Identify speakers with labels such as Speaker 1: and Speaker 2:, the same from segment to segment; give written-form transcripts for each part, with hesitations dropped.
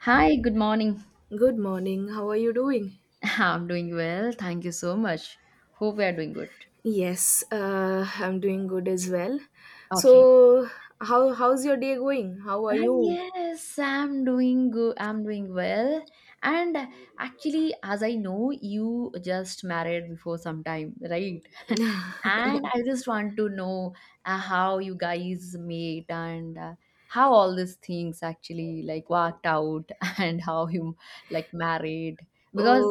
Speaker 1: Hi, good morning.
Speaker 2: Good morning. How are you doing?
Speaker 1: I'm doing well. Thank you so much. Hope we are doing good.
Speaker 2: Yes, I'm doing good as well.
Speaker 1: Okay.
Speaker 2: So, how's your day going? How are
Speaker 1: Ah
Speaker 2: you?
Speaker 1: yes, I'm doing good. I'm doing well. And actually, as I know, you just married before some time, right? And I just want to know how you guys met, and how all these things actually like worked out, and how you like married because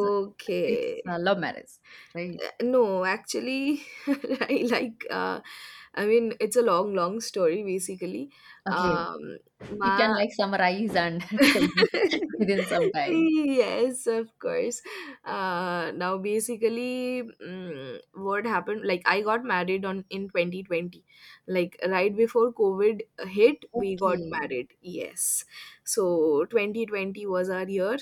Speaker 1: it's a love marriage, right?
Speaker 2: No, actually, I like. It's a long, long story basically.
Speaker 1: Okay,
Speaker 2: Um,
Speaker 1: you can
Speaker 2: my
Speaker 1: like summarize and tell me within some time.
Speaker 2: Yes, of course. What happened, like, I got married on in 2020. Like right before covid hit, we got
Speaker 1: Okay.
Speaker 2: married, yes. So 2020 was our year.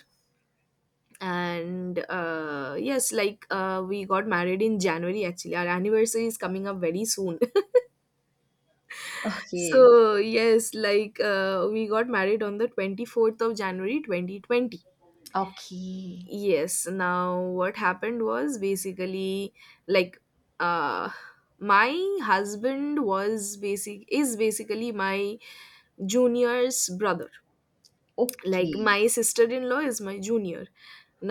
Speaker 2: And yes, like, we got married in January. Actually our anniversary is coming up very soon. So
Speaker 1: Okay.
Speaker 2: yes, like, we got married on the 24th of January 2020.
Speaker 1: Okay.
Speaker 2: Yes. Now, what happened was basically, like uh my husband was basically my junior's brother. Like
Speaker 1: Okay.
Speaker 2: my sister-in-law is my junior.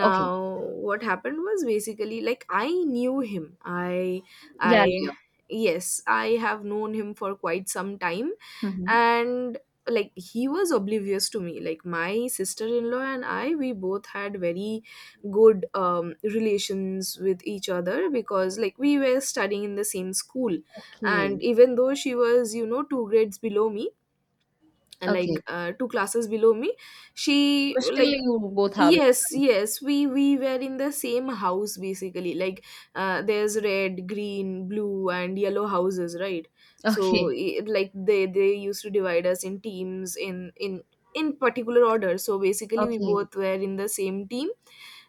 Speaker 1: Okay.
Speaker 2: what happened was basically, like, I knew him.
Speaker 1: Yeah,
Speaker 2: I
Speaker 1: Leo.
Speaker 2: Yes, I have known him for quite some time,
Speaker 1: Hmm.
Speaker 2: and like he was oblivious to me. Like my sister-in-law and I, we both had very good relations with each other, because like we were studying in the same school, and
Speaker 1: Okay.
Speaker 2: even though she was, you know, two grades below me,
Speaker 1: Okay.
Speaker 2: two classes below me, she
Speaker 1: But still,
Speaker 2: like—
Speaker 1: you both have it.
Speaker 2: Yes, yes, we were in the same house basically. Like there's red, green, blue, and yellow houses, right? So
Speaker 1: Okay.
Speaker 2: it, like they used to divide us in teams, in particular order. So basically, we
Speaker 1: Okay.
Speaker 2: both were in the same team,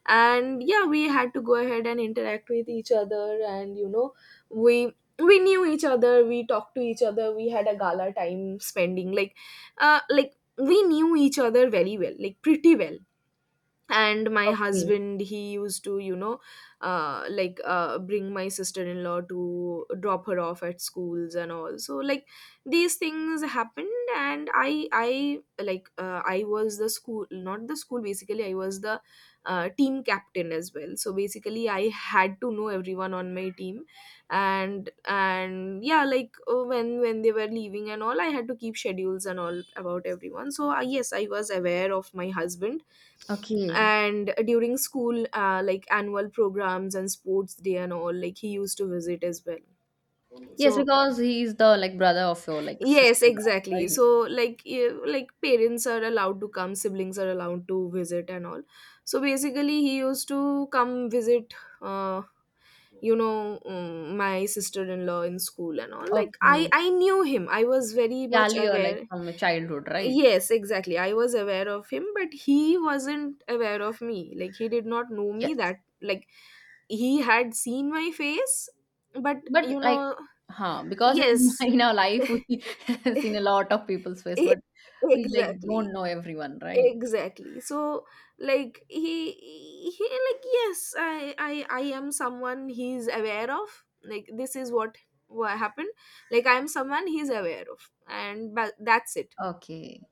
Speaker 2: and yeah, we had to go ahead and interact with each other, and you know, we knew each other, we talked to each other, we had a gala time spending, like we knew each other very well, like pretty well. And my
Speaker 1: Okay.
Speaker 2: husband, he used to, you know, bring my sister-in-law to drop her off at schools and all. So like these things happened, and I like I was the school not the school basically I was the team captain as well, so basically I had to know everyone on my team. And yeah, like, when they were leaving and all, I had to keep schedules and all about everyone. So yes, I was aware of my husband.
Speaker 1: Okay.
Speaker 2: And during school, like annual programs and sports day and all, like, he used to visit as well.
Speaker 1: Yes,
Speaker 2: So
Speaker 1: because he is the like brother of your like
Speaker 2: yes,
Speaker 1: sister-in-law,
Speaker 2: exactly.
Speaker 1: right?
Speaker 2: So like parents are allowed to come, siblings are allowed to visit and all. So basically he used to come visit, uh, my sister-in-law in school and all. Like, i
Speaker 1: Okay.
Speaker 2: i knew him, I was very
Speaker 1: Yeah,
Speaker 2: much
Speaker 1: Leo, like
Speaker 2: aware.
Speaker 1: from your childhood, right?
Speaker 2: Yes, exactly. I was aware of him, but he wasn't aware of me. Like, he did not know me
Speaker 1: Yes.
Speaker 2: that, like, he had seen my face, but
Speaker 1: But
Speaker 2: you
Speaker 1: like,
Speaker 2: know,
Speaker 1: huh, because in,
Speaker 2: yes,
Speaker 1: in our life we have seen a lot of people's face,
Speaker 2: e-
Speaker 1: but we like
Speaker 2: exactly.
Speaker 1: don't know everyone, right?
Speaker 2: Exactly. So, like, yes, I am someone he's aware of. Like, this is what happened. Like, I am someone he's aware of, and but that's it.
Speaker 1: Okay.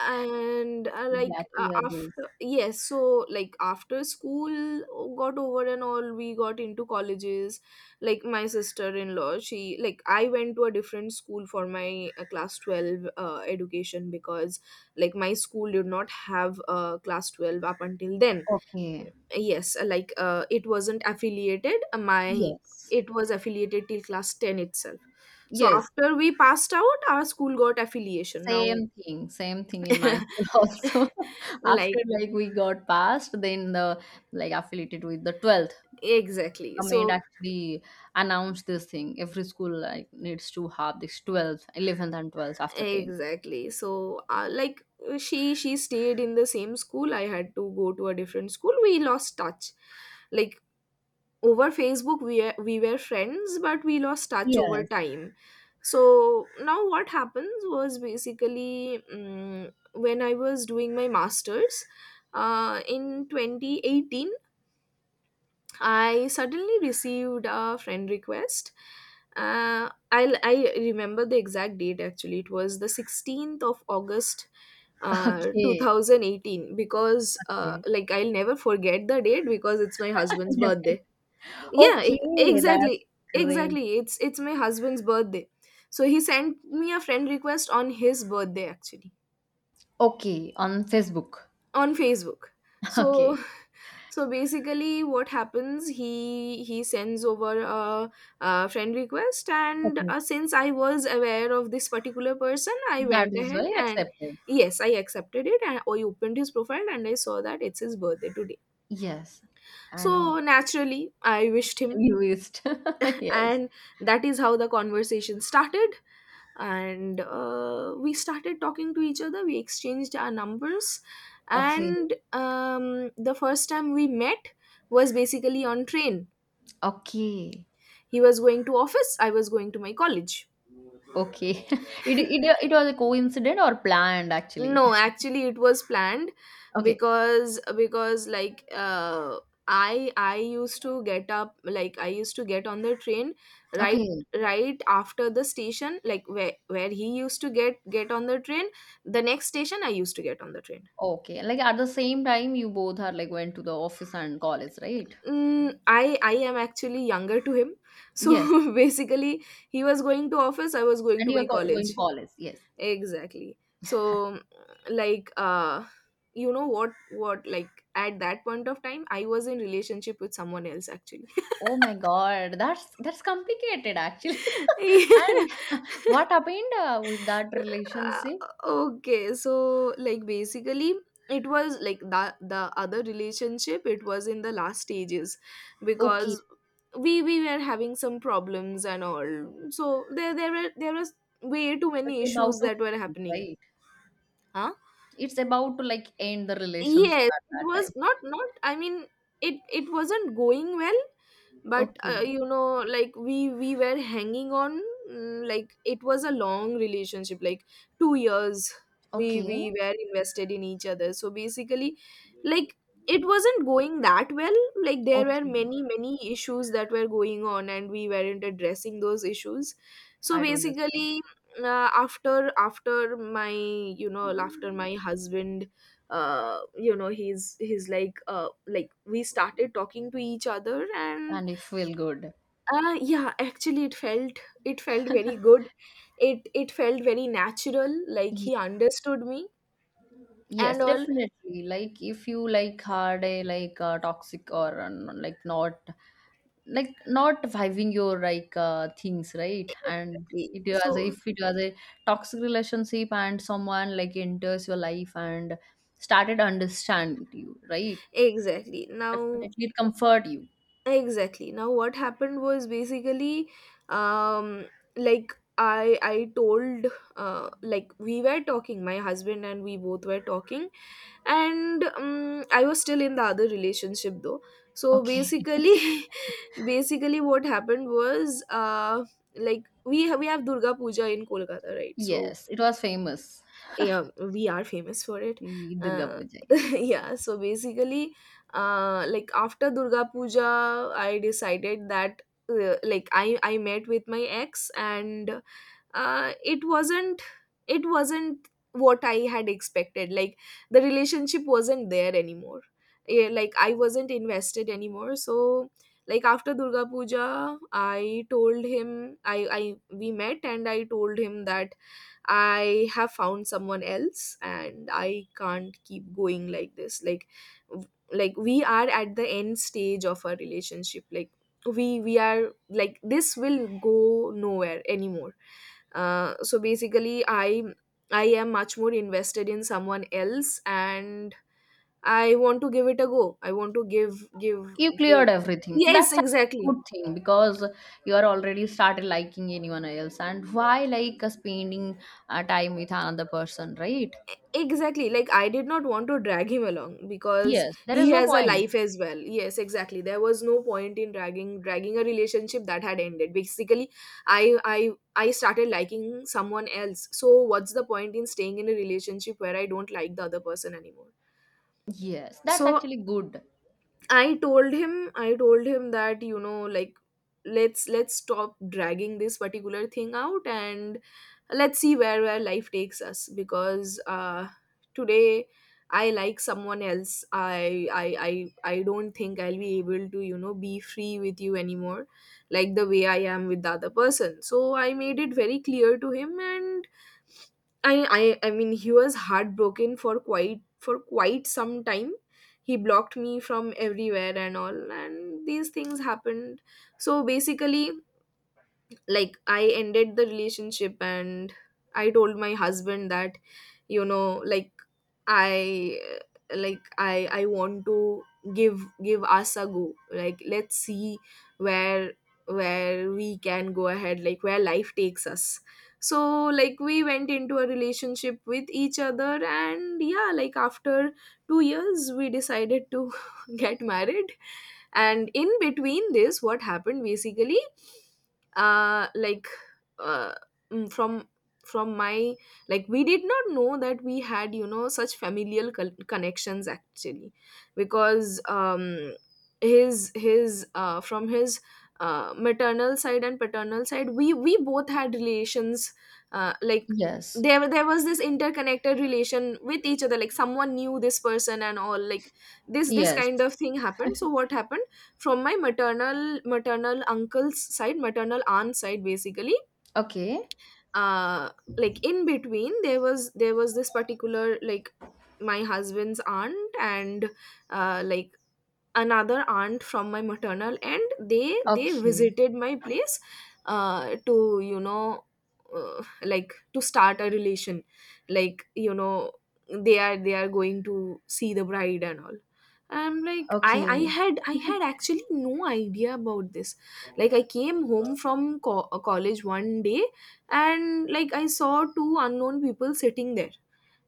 Speaker 2: And like
Speaker 1: Glad to hear this.
Speaker 2: After— yes, so like after school got over and all, we got into colleges. Like my sister-in-law, she like I went to a different school for my class 12 education, because like my school did not have class 12 up until then.
Speaker 1: Okay.
Speaker 2: Yes, like, it wasn't affiliated. My
Speaker 1: Yes.
Speaker 2: It was affiliated till class 10 itself. So
Speaker 1: Yes.
Speaker 2: after we passed out, our school got affiliation now.
Speaker 1: Same thing. Same thing in my school also. After
Speaker 2: Like—
Speaker 1: like we got passed, then the like affiliated with the 12th.
Speaker 2: exactly,
Speaker 1: Government
Speaker 2: so—
Speaker 1: actually announced this thing. Every school like needs to have this 12th, 11th and 12th after 10.
Speaker 2: exactly. So she stayed in the same school, I had to go to a different school, we lost touch. Like over Facebook we were friends, but we lost touch over
Speaker 1: Yes.
Speaker 2: time. So now what happens was basically, when I was doing my masters, in 2018, I suddenly received a friend request. I remember the exact date actually. It was the 16th of August, two
Speaker 1: Okay.
Speaker 2: thousand eighteen. Because,
Speaker 1: Okay.
Speaker 2: like, I'll never forget the date, because it's my husband's
Speaker 1: Definitely.
Speaker 2: birthday. Yeah,
Speaker 1: Okay,
Speaker 2: exactly,
Speaker 1: that's great.
Speaker 2: exactly. It's my husband's birthday, so he sent me a friend request on his birthday actually,
Speaker 1: Okay, on Facebook.
Speaker 2: on Facebook.
Speaker 1: Okay,
Speaker 2: So— so basically, what happens? He sends over a— a friend request, and
Speaker 1: okay,
Speaker 2: since I was aware of this particular person, I
Speaker 1: that
Speaker 2: went
Speaker 1: is very
Speaker 2: ahead and—
Speaker 1: accepted.
Speaker 2: yes, I accepted it, and I opened his profile, and I saw that it's his birthday today.
Speaker 1: Yes, and
Speaker 2: So naturally, I wished him,
Speaker 1: used. Yes.
Speaker 2: and that is how the conversation started. And we started talking to each other. We exchanged our numbers,
Speaker 1: Okay,
Speaker 2: and the first time we met was basically on train.
Speaker 1: okay,
Speaker 2: He was going to office, I was going to my college.
Speaker 1: okay. It was a coincident or planned actually.
Speaker 2: No, actually, it was planned.
Speaker 1: Okay,
Speaker 2: Because I used to get up, like, I used to get on the train right—
Speaker 1: okay,
Speaker 2: right after the station, like where— where he used to get on the train. The next station I used to get on the train.
Speaker 1: okay. Like at the same time, you both are like went to the office and college, right?
Speaker 2: Mm, i i am actually younger to him, so
Speaker 1: Yes,
Speaker 2: basically he was going to office, I was going
Speaker 1: and
Speaker 2: to
Speaker 1: you're
Speaker 2: my
Speaker 1: going to
Speaker 2: college.
Speaker 1: college. Yes.
Speaker 2: Exactly. So, like you know what like at that point of time, I was in relationship with someone else actually.
Speaker 1: Oh my God, that's complicated actually. And what happened with that relationship?
Speaker 2: Okay, so like basically it was like the other relationship, it was in the last stages,
Speaker 1: Okay,
Speaker 2: because we were having some problems and all. So there was way too many
Speaker 1: it's about
Speaker 2: issues
Speaker 1: to
Speaker 2: that were
Speaker 1: end,
Speaker 2: happening.
Speaker 1: right.
Speaker 2: Huh?
Speaker 1: It's about to like end the relationship
Speaker 2: Yes,
Speaker 1: at
Speaker 2: it
Speaker 1: that
Speaker 2: was
Speaker 1: time.
Speaker 2: not, I mean, it wasn't going well, but
Speaker 1: Okay,
Speaker 2: you know, like we were hanging on. Like, it was a long relationship, like 2 years. we
Speaker 1: okay,
Speaker 2: we were invested in each other, so basically, like, it wasn't going that well. Like there were
Speaker 1: okay.
Speaker 2: many, many issues that were going on, and we weren't addressing those issues. So
Speaker 1: I don't understand.
Speaker 2: basically, after my, you know, after my husband, you know he's like we started talking to each other and—
Speaker 1: And you feel good.
Speaker 2: yeah, actually it felt— it felt very good, it— it felt very natural. Like
Speaker 1: Ye-
Speaker 2: he understood me and
Speaker 1: Yes,
Speaker 2: all.
Speaker 1: definitely. Like if you like had a like toxic or like, not like not vibing your like things right, and
Speaker 2: Exactly.
Speaker 1: it was
Speaker 2: So—
Speaker 1: if it was a toxic relationship and someone like enters your life and started understand you, right?
Speaker 2: exactly now—
Speaker 1: Definitely it comfort you,
Speaker 2: exactly now, what happened was basically, um like I told— like we were talking, my husband and we both were talking, and I was still in the other relationship though. So
Speaker 1: okay.
Speaker 2: basically, basically, what happened was, we we have Durga Puja in Kolkata, right? So
Speaker 1: Yes, it was famous,
Speaker 2: yeah, we are famous for it.
Speaker 1: Durga
Speaker 2: uh,
Speaker 1: Puja, yes.
Speaker 2: yeah, so basically, like, after Durga Puja, I decided that, like I met with my ex, and, it wasn't— it wasn't what I had expected. Like, the relationship wasn't there anymore. Yeah, like I wasn't invested anymore. So like after Durga Puja, I told him— I we met, and I told him that I have found someone else and I can't keep going like this. Like, we are at the end stage of our relationship. Like, we— we are like, this will go nowhere anymore. So basically, I am much more invested in someone else, and I want to give it a go. I want to
Speaker 1: You cleared
Speaker 2: give—
Speaker 1: everything.
Speaker 2: Yes,
Speaker 1: That's a good
Speaker 2: exactly.
Speaker 1: thing because you are already started liking anyone else, and why like spending time with another person, right?
Speaker 2: Exactly. Like, I did not want to drag him along, because
Speaker 1: Yes, there is
Speaker 2: he
Speaker 1: no
Speaker 2: has a
Speaker 1: point.
Speaker 2: life as well. Yes, exactly. There was no point in dragging a relationship that had ended. Basically, I started liking someone else. So what's the point in staying in a relationship where I don't like the other person anymore?
Speaker 1: Yes, that's
Speaker 2: So
Speaker 1: actually good.
Speaker 2: I told him that, you know, like, let's stop dragging this particular thing out and let's see where life takes us. Because today I like someone else. I don't think I'll be able to, you know, be free with you anymore, like the way I am with the other person. So I made it very clear to him, and I mean, he was heartbroken for quite some time. He blocked me from everywhere and all, and these things happened. So basically, like, I ended the relationship and I told my husband that, you know, like, i I want to give us a go. Like, let's see where where we can go ahead, like, where life takes us. So, like, we went into a relationship with each other, and yeah, like, after 2 years we decided to get married. And in between this, what happened, basically, like, uh mm, from from my, like, we did not know that we had, you know, such familial connections, actually. Because his from his maternal side and paternal side, we both had relations. Like,
Speaker 1: Yes.
Speaker 2: there was this interconnected relation with each other, like, someone knew this person and all, like, this
Speaker 1: Yes.
Speaker 2: kind of thing happened. So what happened, from my maternal uncle's side, maternal aunt's side, basically,
Speaker 1: Okay.
Speaker 2: uh like, in between, there was this particular, like, my husband's aunt and like, another aunt from my maternal, and they
Speaker 1: Okay.
Speaker 2: visited my place, to, like, to start a relation, like, you know, they are going to see the bride and all. I'm like, i
Speaker 1: Okay.
Speaker 2: i had i had actually no idea about this. Like, I came home from college one day, and, like, I saw two unknown people sitting there,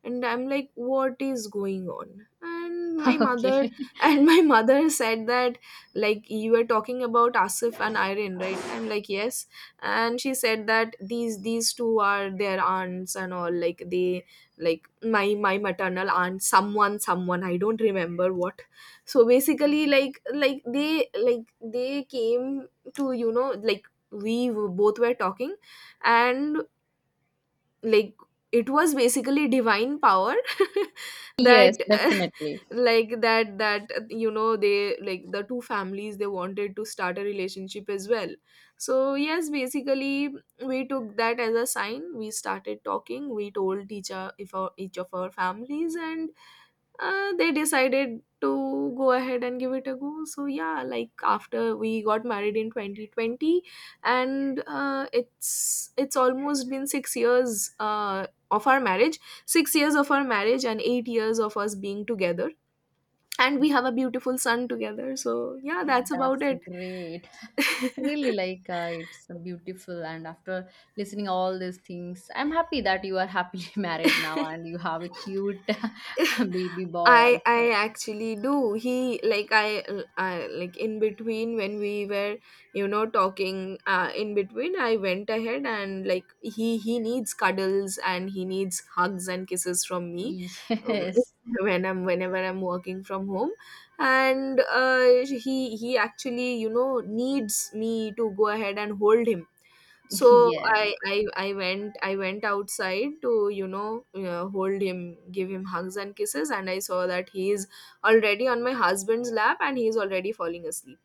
Speaker 2: and I'm like, what is going on? And my mother,
Speaker 1: Okay.
Speaker 2: and my mother said that, like, you were talking about Asif and Irene, right? I'm like, yes. And she said that these two are their aunts and all, like, they, like, my maternal aunt, someone, I don't remember what. So basically, like, they came to, you know, like, we both were talking. And, like, it was basically divine power
Speaker 1: Yes,
Speaker 2: that
Speaker 1: definitely.
Speaker 2: like, that they, like, the two families, they wanted to start a relationship as well. So yes, basically, we took that as a sign, we started talking, we told each o- if our, each of our families, and they decided to go ahead and give it a go. So yeah, like, after, we got married in 2020. And it's almost been 6 years of our marriage. 6 years of our marriage and 8 years of us being together, and we have a beautiful son together. So yeah, that's about
Speaker 1: That's
Speaker 2: it.
Speaker 1: great. Really like it's beautiful, and after listening all these things, I'm happy that you are happily married now and you have a cute baby boy
Speaker 2: I
Speaker 1: also.
Speaker 2: actually do. He like I, like, in between when we were, talking, in between, I went ahead, and like, he needs cuddles and he needs hugs and kisses from me, um,
Speaker 1: Yes.
Speaker 2: when I'm, whenever I'm working from home. And he actually, you know, needs me to go ahead and hold him. So
Speaker 1: Yes.
Speaker 2: I went outside to, hold him, give him hugs and kisses, and I saw that he is already on my husband's lap, and he is already falling asleep.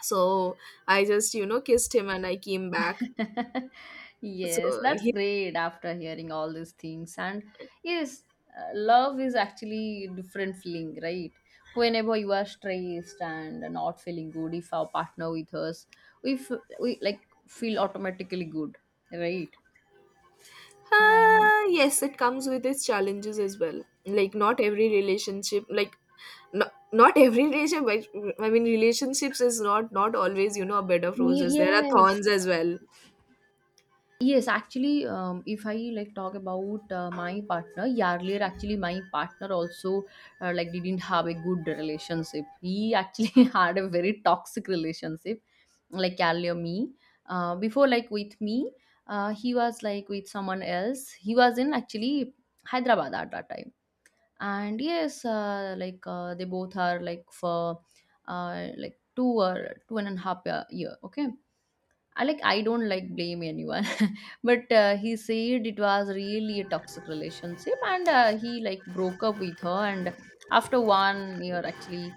Speaker 2: So I just, you know, kissed him and I came back.
Speaker 1: Yes,
Speaker 2: So
Speaker 1: that's
Speaker 2: he
Speaker 1: great after hearing all these things. And yes, love is actually different feeling, right? Whenever you are stressed and not feeling good, if our partner with us, we like feel automatically good, right? And
Speaker 2: yes, it comes with its challenges as well. Like, not every relationship, like, not every relationship. I mean, relationships is not, always, you know, a bed of
Speaker 1: me,
Speaker 2: roses. There are
Speaker 1: yes.
Speaker 2: thorns as well.
Speaker 1: Yes, actually, if I like talk about my partner, yeah, earlier actually my partner also like didn't have a good relationship. He actually had a very toxic relationship, like earlier me. Before like with me, he was like with someone else. He was in actually Hyderabad at that time, and yes, like they both are like for like 2 or 2.5 year. Okay. I like I don't like blame anyone, but he said it was really a toxic relationship, and he like broke up with her. And after 1 year, actually,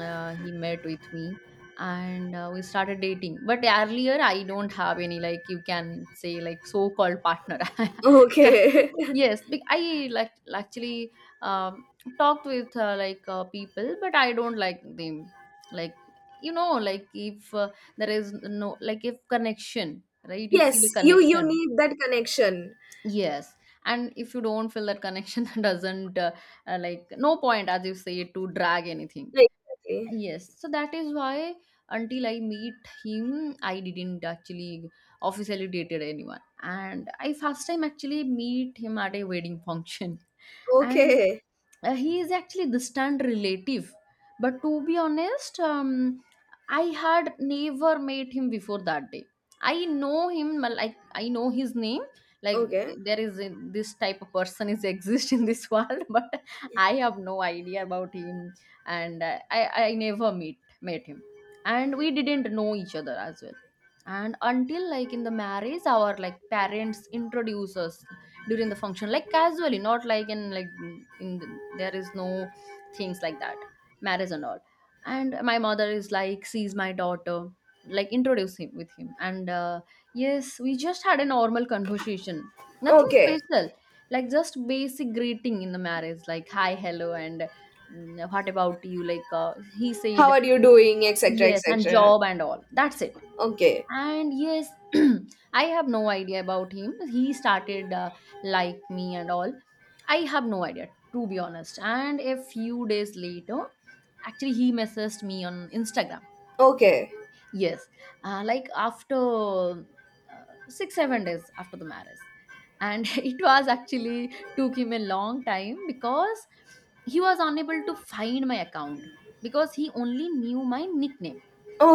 Speaker 1: he met with me, and we started dating, but earlier I don't have any, like, you can say, like, so called partner.
Speaker 2: Okay.
Speaker 1: Yes, I like actually um, talked with like people, but I don't like them. Like, you know, like if there is no, like if connection, right? You feel
Speaker 2: Yes,
Speaker 1: a
Speaker 2: you
Speaker 1: connection.
Speaker 2: need that connection.
Speaker 1: Yes. And if you don't feel that connection, that doesn't like, no point, as you say, to drag anything.
Speaker 2: Exactly.
Speaker 1: Yes, so that is why until I meet him, I didn't actually officially dated anyone. And I first time actually meet him at a wedding function. And
Speaker 2: Okay.
Speaker 1: he is actually distant relative, but to be honest, I had never met him before that day. I know him, like I know his name. Like,
Speaker 2: Okay.
Speaker 1: there is a, this type of person is exist in this world, but I have no idea about him. And I never meet met him, and we didn't know each other as well. And until like in the marriage, our like parents introduce us during the function, like casually, not like in, like in the, there is no things like that, marriage and all. And my mother is like sees my daughter, like introduce him with him, and yes, we just had a normal conversation, nothing
Speaker 2: Okay.
Speaker 1: special, like just basic greeting in the marriage, like hi, hello, and what about you, like he
Speaker 2: How
Speaker 1: said,
Speaker 2: are you doing? Etc.
Speaker 1: yes, and
Speaker 2: Etc.
Speaker 1: job and all, that's it.
Speaker 2: Okay.
Speaker 1: And yes, I have no idea about him. He started like me and all. I have no idea, to be honest. And a few days later, actually, he messaged me on Instagram.
Speaker 2: Okay.
Speaker 1: Yes, like after 6 7 days after the marriage, and it was actually took him a long time because he was unable to find my account, because he only knew my nickname.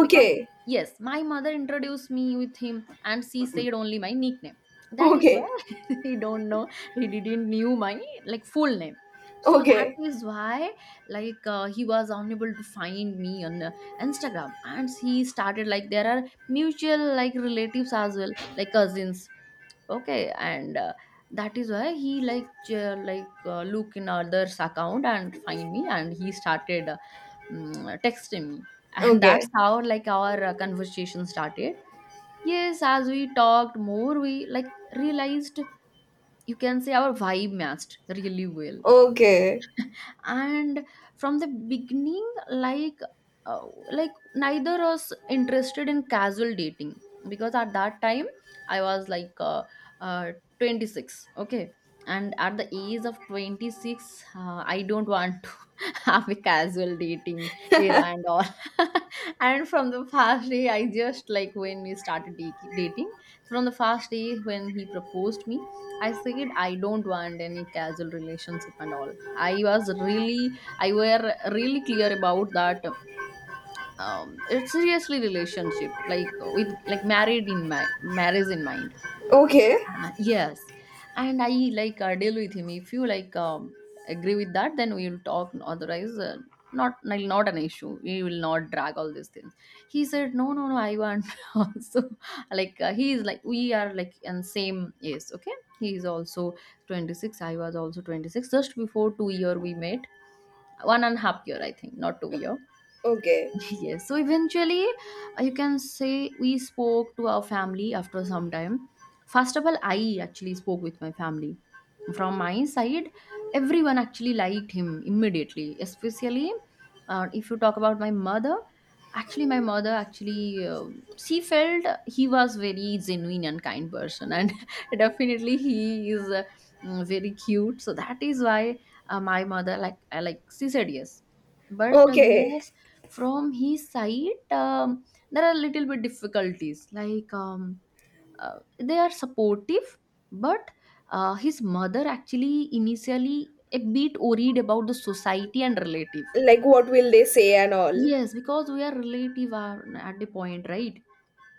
Speaker 1: Because, yes, my mother introduced me with him, and she said only my nickname, that is why
Speaker 2: Okay.
Speaker 1: he don't know. He didn't knew my like full name, so that
Speaker 2: Okay.
Speaker 1: is why, like he was unable to find me on Instagram, and he started like there are mutual like relatives as well, like cousins, okay. And that is why he like like look in others account and find me, and he started texting me, and that's
Speaker 2: Okay.
Speaker 1: how like our conversation started. Yes, as we talked more, we like realized, you can say our vibe matched really well.
Speaker 2: Okay.
Speaker 1: And from the beginning, like uh, like, neither was interested in casual dating because at that time I was like uh, 26, okay, and at the age of 26, I don't want to have a casual dating era and all. And from the first day, I just like when we started dating, from the first day when he proposed me, I said I don't want any casual relationship and all. I were really clear about that. It's seriously relationship, like with like married in my marriage in mind.
Speaker 2: Okay.
Speaker 1: Yes, and I like deal with him. If you like, agree with that, then we will talk. Otherwise, not like, not an issue. We will not drag all these things. He said, "No, no, no. I want also, like he is like, we are like in same age. Okay, he is also 26. I was also 26. Just before 2 year we met, 1.5 year I think, not 2 year.
Speaker 2: Okay.
Speaker 1: Yes, so eventually you can say we spoke to our family after some time. First of all, I actually spoke with my family. From my side, everyone actually liked him immediately, especially if you talk about my mother. Actually my mother actually she felt he was very genuine and kind person, and definitely he is very cute, so that is why my mother like, I like, she said yes. But
Speaker 2: Okay.
Speaker 1: yes, from his side, there are little bit difficulties. Like they are supportive, but his mother actually initially a bit worried about the society and relative.
Speaker 2: Like, what will they say and all?
Speaker 1: Yes, because we are relative are at the point, right?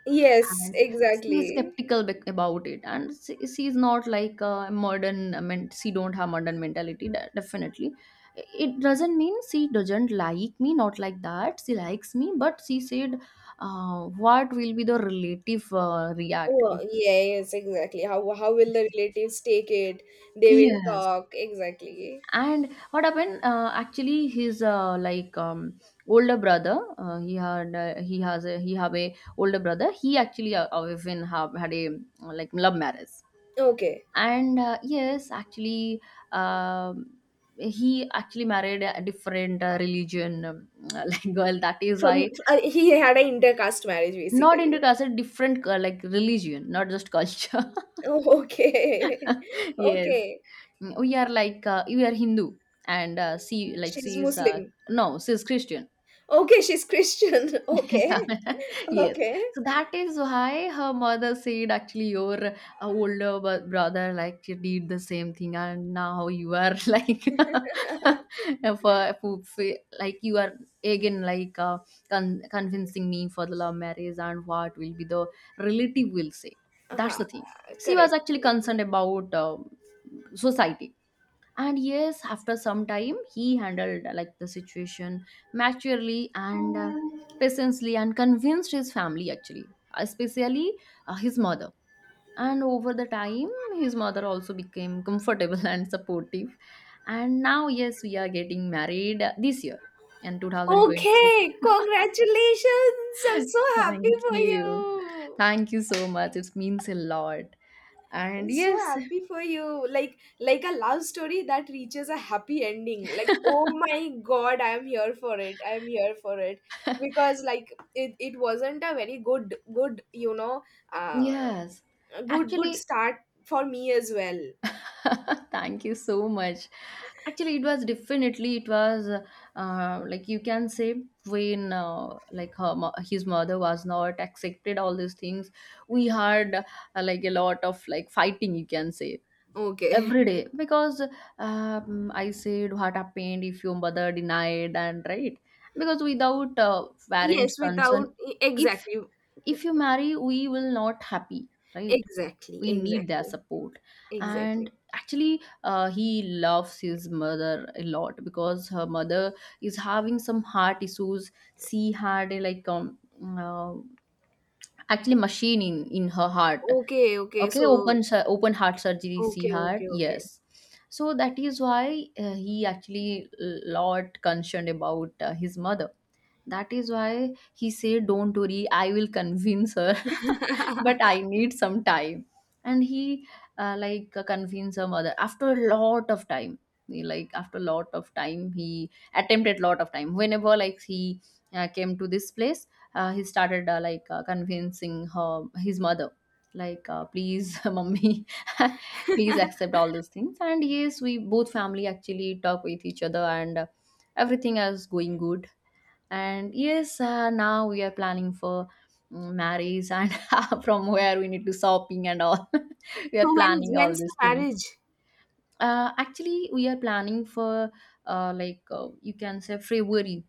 Speaker 2: Yes,
Speaker 1: And she is
Speaker 2: exactly.
Speaker 1: skeptical, about it, and she is not like a modern, I mean, she don't have modern mentality, definitely. It doesn't mean she doesn't like me, not like that, she likes me, but she said what will be the relative react
Speaker 2: Oh,
Speaker 1: if.
Speaker 2: yes, exactly. How will the relatives take it? They will
Speaker 1: Yes,
Speaker 2: talk, exactly.
Speaker 1: and what happened, actually his like older brother, he had he has a, he have a older brother. He actually even have had a like love marriage,
Speaker 2: Okay.
Speaker 1: and yes actually um, he actually married a different religion, like girl, that is
Speaker 2: From
Speaker 1: why,
Speaker 2: He had an intercaste marriage,
Speaker 1: not into
Speaker 2: basically.
Speaker 1: culture, different like religion, not just culture.
Speaker 2: Oh, okay.
Speaker 1: Yes,
Speaker 2: Okay.
Speaker 1: we are like we are Hindu, and she like,
Speaker 2: She's
Speaker 1: she is
Speaker 2: Muslim.
Speaker 1: no, she is Christian.
Speaker 2: Okay, she's Christian. Okay.
Speaker 1: Yes.
Speaker 2: Okay.
Speaker 1: So that is why her mother said, actually, your brother like did the same thing, and now you are like for for- like you are again convincing me for the love marriage and what will be the relative will say. That's
Speaker 2: Uh-huh.
Speaker 1: the thing.
Speaker 2: Correct.
Speaker 1: She was
Speaker 2: Correct.
Speaker 1: actually concerned about society. And yes, after some time he handled like the situation maturely and patiently and convinced his family, actually, especially his mother. And over the time his mother also became comfortable and supportive. And now, yes, we are getting married this year, in 2026.
Speaker 2: Okay, congratulations. I'm so happy
Speaker 1: Thank
Speaker 2: for
Speaker 1: you,
Speaker 2: you.
Speaker 1: thank you so much, it means a lot. And
Speaker 2: So
Speaker 1: yes,
Speaker 2: happy for you. Like a love story that reaches a happy ending. Like, oh my god, I'm here for it. I'm here for it. Because, like, it wasn't a very good good you know uh
Speaker 1: yes,
Speaker 2: good good
Speaker 1: actually.
Speaker 2: start for me as well.
Speaker 1: Thank you so much. Actually, it was definitely, it was like you can say, when like his mother was not accepted all these things. We had like a lot of like fighting, you can say,
Speaker 2: Okay.
Speaker 1: every day. Because I said, what happened if your mother denied? And right, because without parents'
Speaker 2: Yes,
Speaker 1: concern,
Speaker 2: without,
Speaker 1: if
Speaker 2: exactly.
Speaker 1: if you marry, we will not happy, right?
Speaker 2: Exactly.
Speaker 1: We need their
Speaker 2: Exactly.
Speaker 1: support. And
Speaker 2: Exactly.
Speaker 1: actually he loves his mother a lot, because her mother is having some heart issues. She had a, uh, actually machine in her heart.
Speaker 2: Okay. Okay. So,
Speaker 1: Okay, open heart surgery she
Speaker 2: okay,
Speaker 1: had,
Speaker 2: okay, okay.
Speaker 1: yes. So that is why he actually a lot concerned about his mother. That is why he said, don't worry, I will convince her, but I need some time. And he convinced her mother after a lot of time. He, like after a lot of time, he attempted lot of time. Whenever like he came to this place, he started convincing her his mother, please, mommy, please accept all these things. And yes, we both family actually talk with each other and. Everything is going good. And yes, now we are planning for marriage and from where we need to shopping and all. We are
Speaker 2: So, when
Speaker 1: planning all
Speaker 2: when's the
Speaker 1: these things.
Speaker 2: marriage?
Speaker 1: Actually, we are planning for you can say February.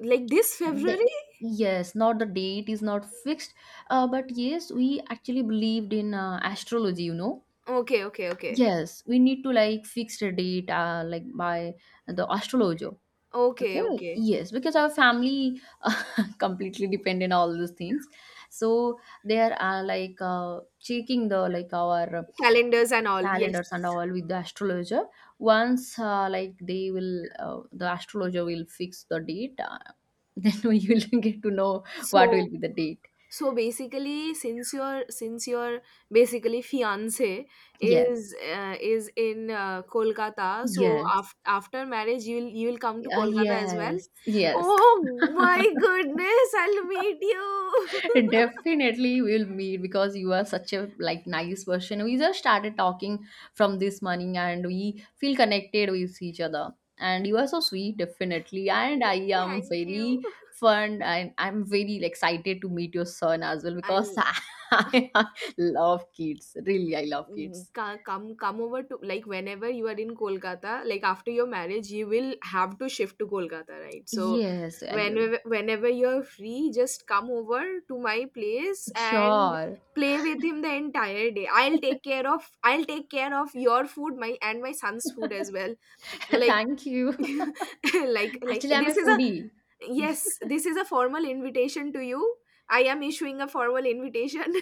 Speaker 2: Like this
Speaker 1: the,
Speaker 2: February?
Speaker 1: yes, not the date is not fixed, but yes, we actually believed in astrology, you know.
Speaker 2: Okay, okay, okay.
Speaker 1: Yes, we need to like fix a date like by the astrologer.
Speaker 2: Okay,
Speaker 1: Okay,
Speaker 2: okay.
Speaker 1: yes, because our family completely depend on all those things. So there are checking the like our
Speaker 2: Calendars and all. Yes.
Speaker 1: calendars and all with the astrologer. Once like they will, the astrologer will fix the date. Then we will get to know what will
Speaker 2: So,
Speaker 1: be the date.
Speaker 2: so basically, since your, since your basically fiance
Speaker 1: Yes,
Speaker 2: is, is in, Kolkata. So,
Speaker 1: yes,
Speaker 2: after marriage, you will come to Kolkata as well.
Speaker 1: yes, yes.
Speaker 2: Oh my goodness, I'll meet you.
Speaker 1: Definitely we'll meet, because you are such a like nice person. We just started talking from this morning and we feel connected with each other. And you are so sweet, definitely.
Speaker 2: I
Speaker 1: And I am
Speaker 2: Thank you.
Speaker 1: very fun and I'm very excited to meet your son as well because
Speaker 2: I'll,
Speaker 1: I love kids. Really, I love kids.
Speaker 2: Come, over, to like, whenever you are in Kolkata, like, after your marriage, you will have to shift to Kolkata, right? So
Speaker 1: Yes, I will.
Speaker 2: whenever, you're free, just come over to my place and
Speaker 1: Sure.
Speaker 2: play with him the entire day. I'll take care of, I'll take care of your food, my and my son's food as well. Like,
Speaker 1: Thank you.
Speaker 2: like like
Speaker 1: Actually, I'm a
Speaker 2: this is a
Speaker 1: foodie.
Speaker 2: yes, this is a formal invitation to you. I am issuing a formal invitation.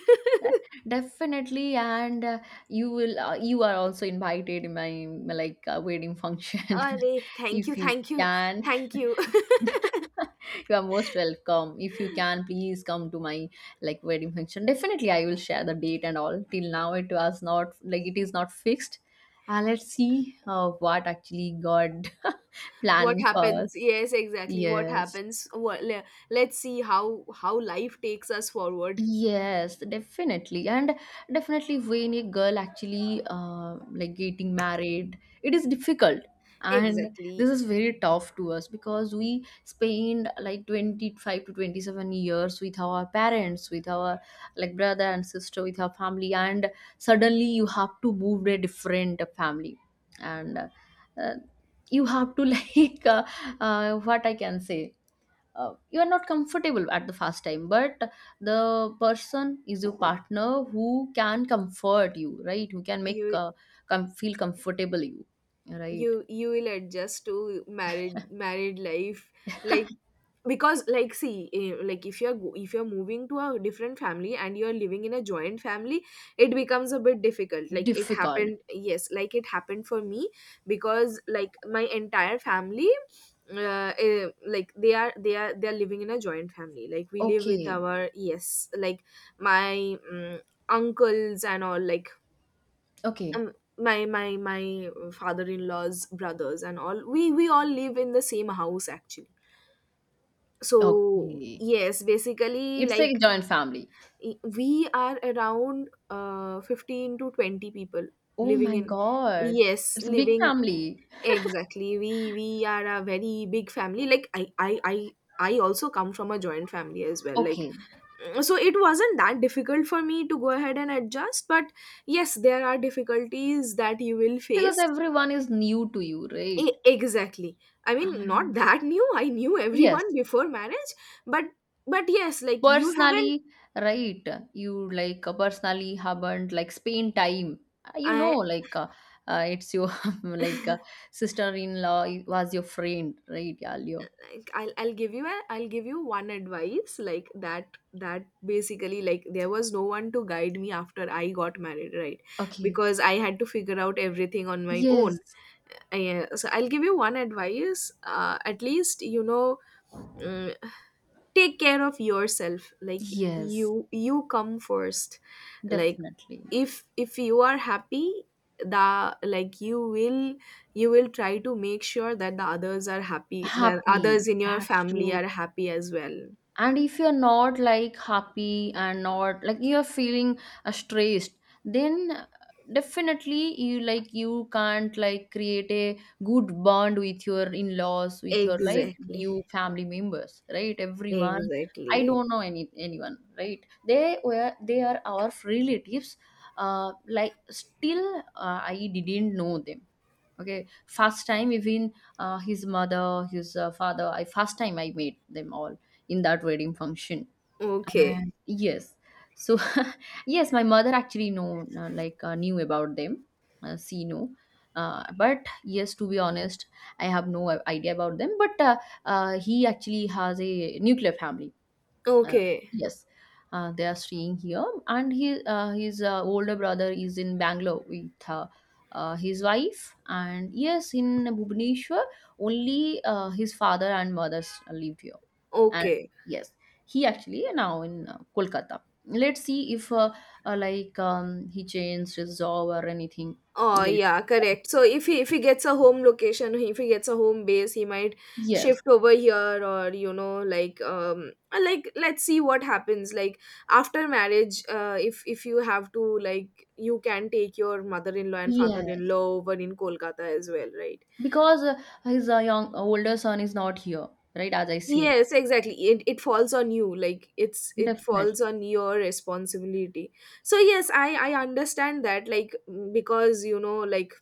Speaker 1: Definitely, and you will. You are also invited in my like wedding function.
Speaker 2: अरे! Thank you,
Speaker 1: If you
Speaker 2: thank you,
Speaker 1: can,
Speaker 2: thank you.
Speaker 1: you are most welcome. If you can, please come to my like wedding function. Definitely, I will share the date and all. Till now, it was not like it is not fixed. Let's see what actually God
Speaker 2: What
Speaker 1: planning for
Speaker 2: happens?
Speaker 1: us.
Speaker 2: Yes, exactly. What
Speaker 1: Yes.
Speaker 2: happens? Wha le Let's see how, life takes us forward.
Speaker 1: Yes, definitely. And definitely when a girl actually like getting married, it is difficult. And this
Speaker 2: Exactly.
Speaker 1: is very tough to us because we spend like 25 to 27 years with our parents, with our like brother and sister, with our family, and suddenly you have to move to a different family. And uh, you have to like uh, what I can say, you are not comfortable at the first time, but the person is your partner who can comfort you, right? Who can make
Speaker 2: You
Speaker 1: feel comfortable you, right?
Speaker 2: you you will adjust to married life. Like, because, like, see, like, if if you're moving to a different family and you're living in a joint family, it becomes a bit difficult. Like, it
Speaker 1: Difficult.
Speaker 2: happened, yes, like it happened for me, because, like, my entire family, like, they are living in a joint family. Like, we live with
Speaker 1: Okay,
Speaker 2: our, yes, like, my, uncles and all. Like,
Speaker 1: okay,
Speaker 2: my father-in-law's brothers and all, we all live in the same house, actually. So
Speaker 1: okay.
Speaker 2: yes, basically,
Speaker 1: It's like a
Speaker 2: like,
Speaker 1: joint family.
Speaker 2: we are around 15 to 20 people
Speaker 1: Oh
Speaker 2: living
Speaker 1: my
Speaker 2: in,
Speaker 1: god.
Speaker 2: yes,
Speaker 1: It's a big
Speaker 2: living,
Speaker 1: family.
Speaker 2: exactly. We are a very big family. Like, I also come from a joint family as well. Like,
Speaker 1: Okay.
Speaker 2: so it wasn't that difficult for me to go ahead and adjust. But yes, there are difficulties that you will
Speaker 1: Because
Speaker 2: face.
Speaker 1: everyone is new to you, right?
Speaker 2: Exactly. I mean, not
Speaker 1: And
Speaker 2: that new, I knew
Speaker 1: yes.
Speaker 2: everyone before marriage. But, yes, like, you haven't.
Speaker 1: Personally, right, you like personally haven't like spend time. You
Speaker 2: I
Speaker 1: know, it's your like uh, sister-in-law was your friend, right, Yalio?
Speaker 2: like, I'll give you a, I'll give you one advice, like, that basically, like, there was no one to guide me after I got married, right?
Speaker 1: Okay.
Speaker 2: Because I had to figure out everything on my
Speaker 1: Yes,
Speaker 2: own. Yeah, so, I'll give you one advice. At least, you know, mm, take care of yourself. Like,
Speaker 1: yes,
Speaker 2: you come first. Like,
Speaker 1: definitely.
Speaker 2: if you are happy, the like, you will, you will try to make sure that the others are happy, that
Speaker 1: Happy.
Speaker 2: others in your
Speaker 1: That's
Speaker 2: family
Speaker 1: true.
Speaker 2: are happy as well.
Speaker 1: And if you're not like happy and not like you're feeling stressed, then definitely you like you can't like create a good bond with your in-laws, with your like new
Speaker 2: Exactly.
Speaker 1: family members, right? Everyone, i
Speaker 2: Exactly.
Speaker 1: don't know any anyone, right? They were, they are our relatives, like still I didn't know them. Okay, first time even, his mother, his father, I first time I met them all in that wedding function.
Speaker 2: Okay,
Speaker 1: And yes, so yes, my mother actually know knew about them. She know, but yes, to be honest, I have no idea about them. But he actually has a nuclear family. uh,
Speaker 2: okay,
Speaker 1: yes, they are staying here, and he his older brother is in Bangalore with his wife. And yes, in Bhubaneswar only, his father and mother live here. And
Speaker 2: okay.
Speaker 1: yes, he actually now in Kolkata. Let's see if he changed his job or anything.
Speaker 2: Oh,
Speaker 1: Let's
Speaker 2: yeah, correct. So, if he, if he gets a home location, if he gets a home base, he might
Speaker 1: Yes,
Speaker 2: shift over here or, like, let's see what happens. Like, after marriage, if, you have to, like, you can take your mother-in-law and
Speaker 1: yes,
Speaker 2: father-in-law over in Kolkata as well, right?
Speaker 1: because his young older son is not here, right, as I say.
Speaker 2: Yes, exactly. It falls on you. Like, it falls
Speaker 1: Definitely.
Speaker 2: on your responsibility. So yes, I understand that. Like, because, like,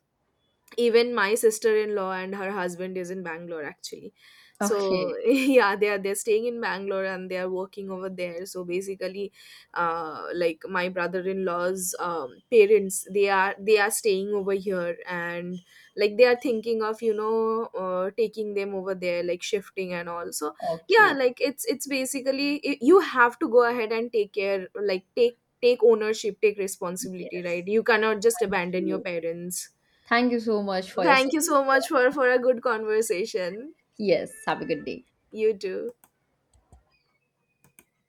Speaker 2: even my sister-in-law and her husband is in Bangalore, actually.
Speaker 1: Okay.
Speaker 2: So yeah, they're staying in Bangalore and they are working over there. So basically, like, my brother-in-law's, parents, they are staying over here, and, like, they are thinking of, taking them over there, like, shifting and all. So yeah,
Speaker 1: Okay.
Speaker 2: like, it's basically, you have to go ahead and take care. Like, take ownership, take responsibility, right?
Speaker 1: Yes.
Speaker 2: You cannot just
Speaker 1: Thank
Speaker 2: abandon your
Speaker 1: you.
Speaker 2: parents.
Speaker 1: Thank you so much for your
Speaker 2: Thank you so
Speaker 1: suggestion.
Speaker 2: much for a good conversation.
Speaker 1: Yes. Have a good day.
Speaker 2: You too.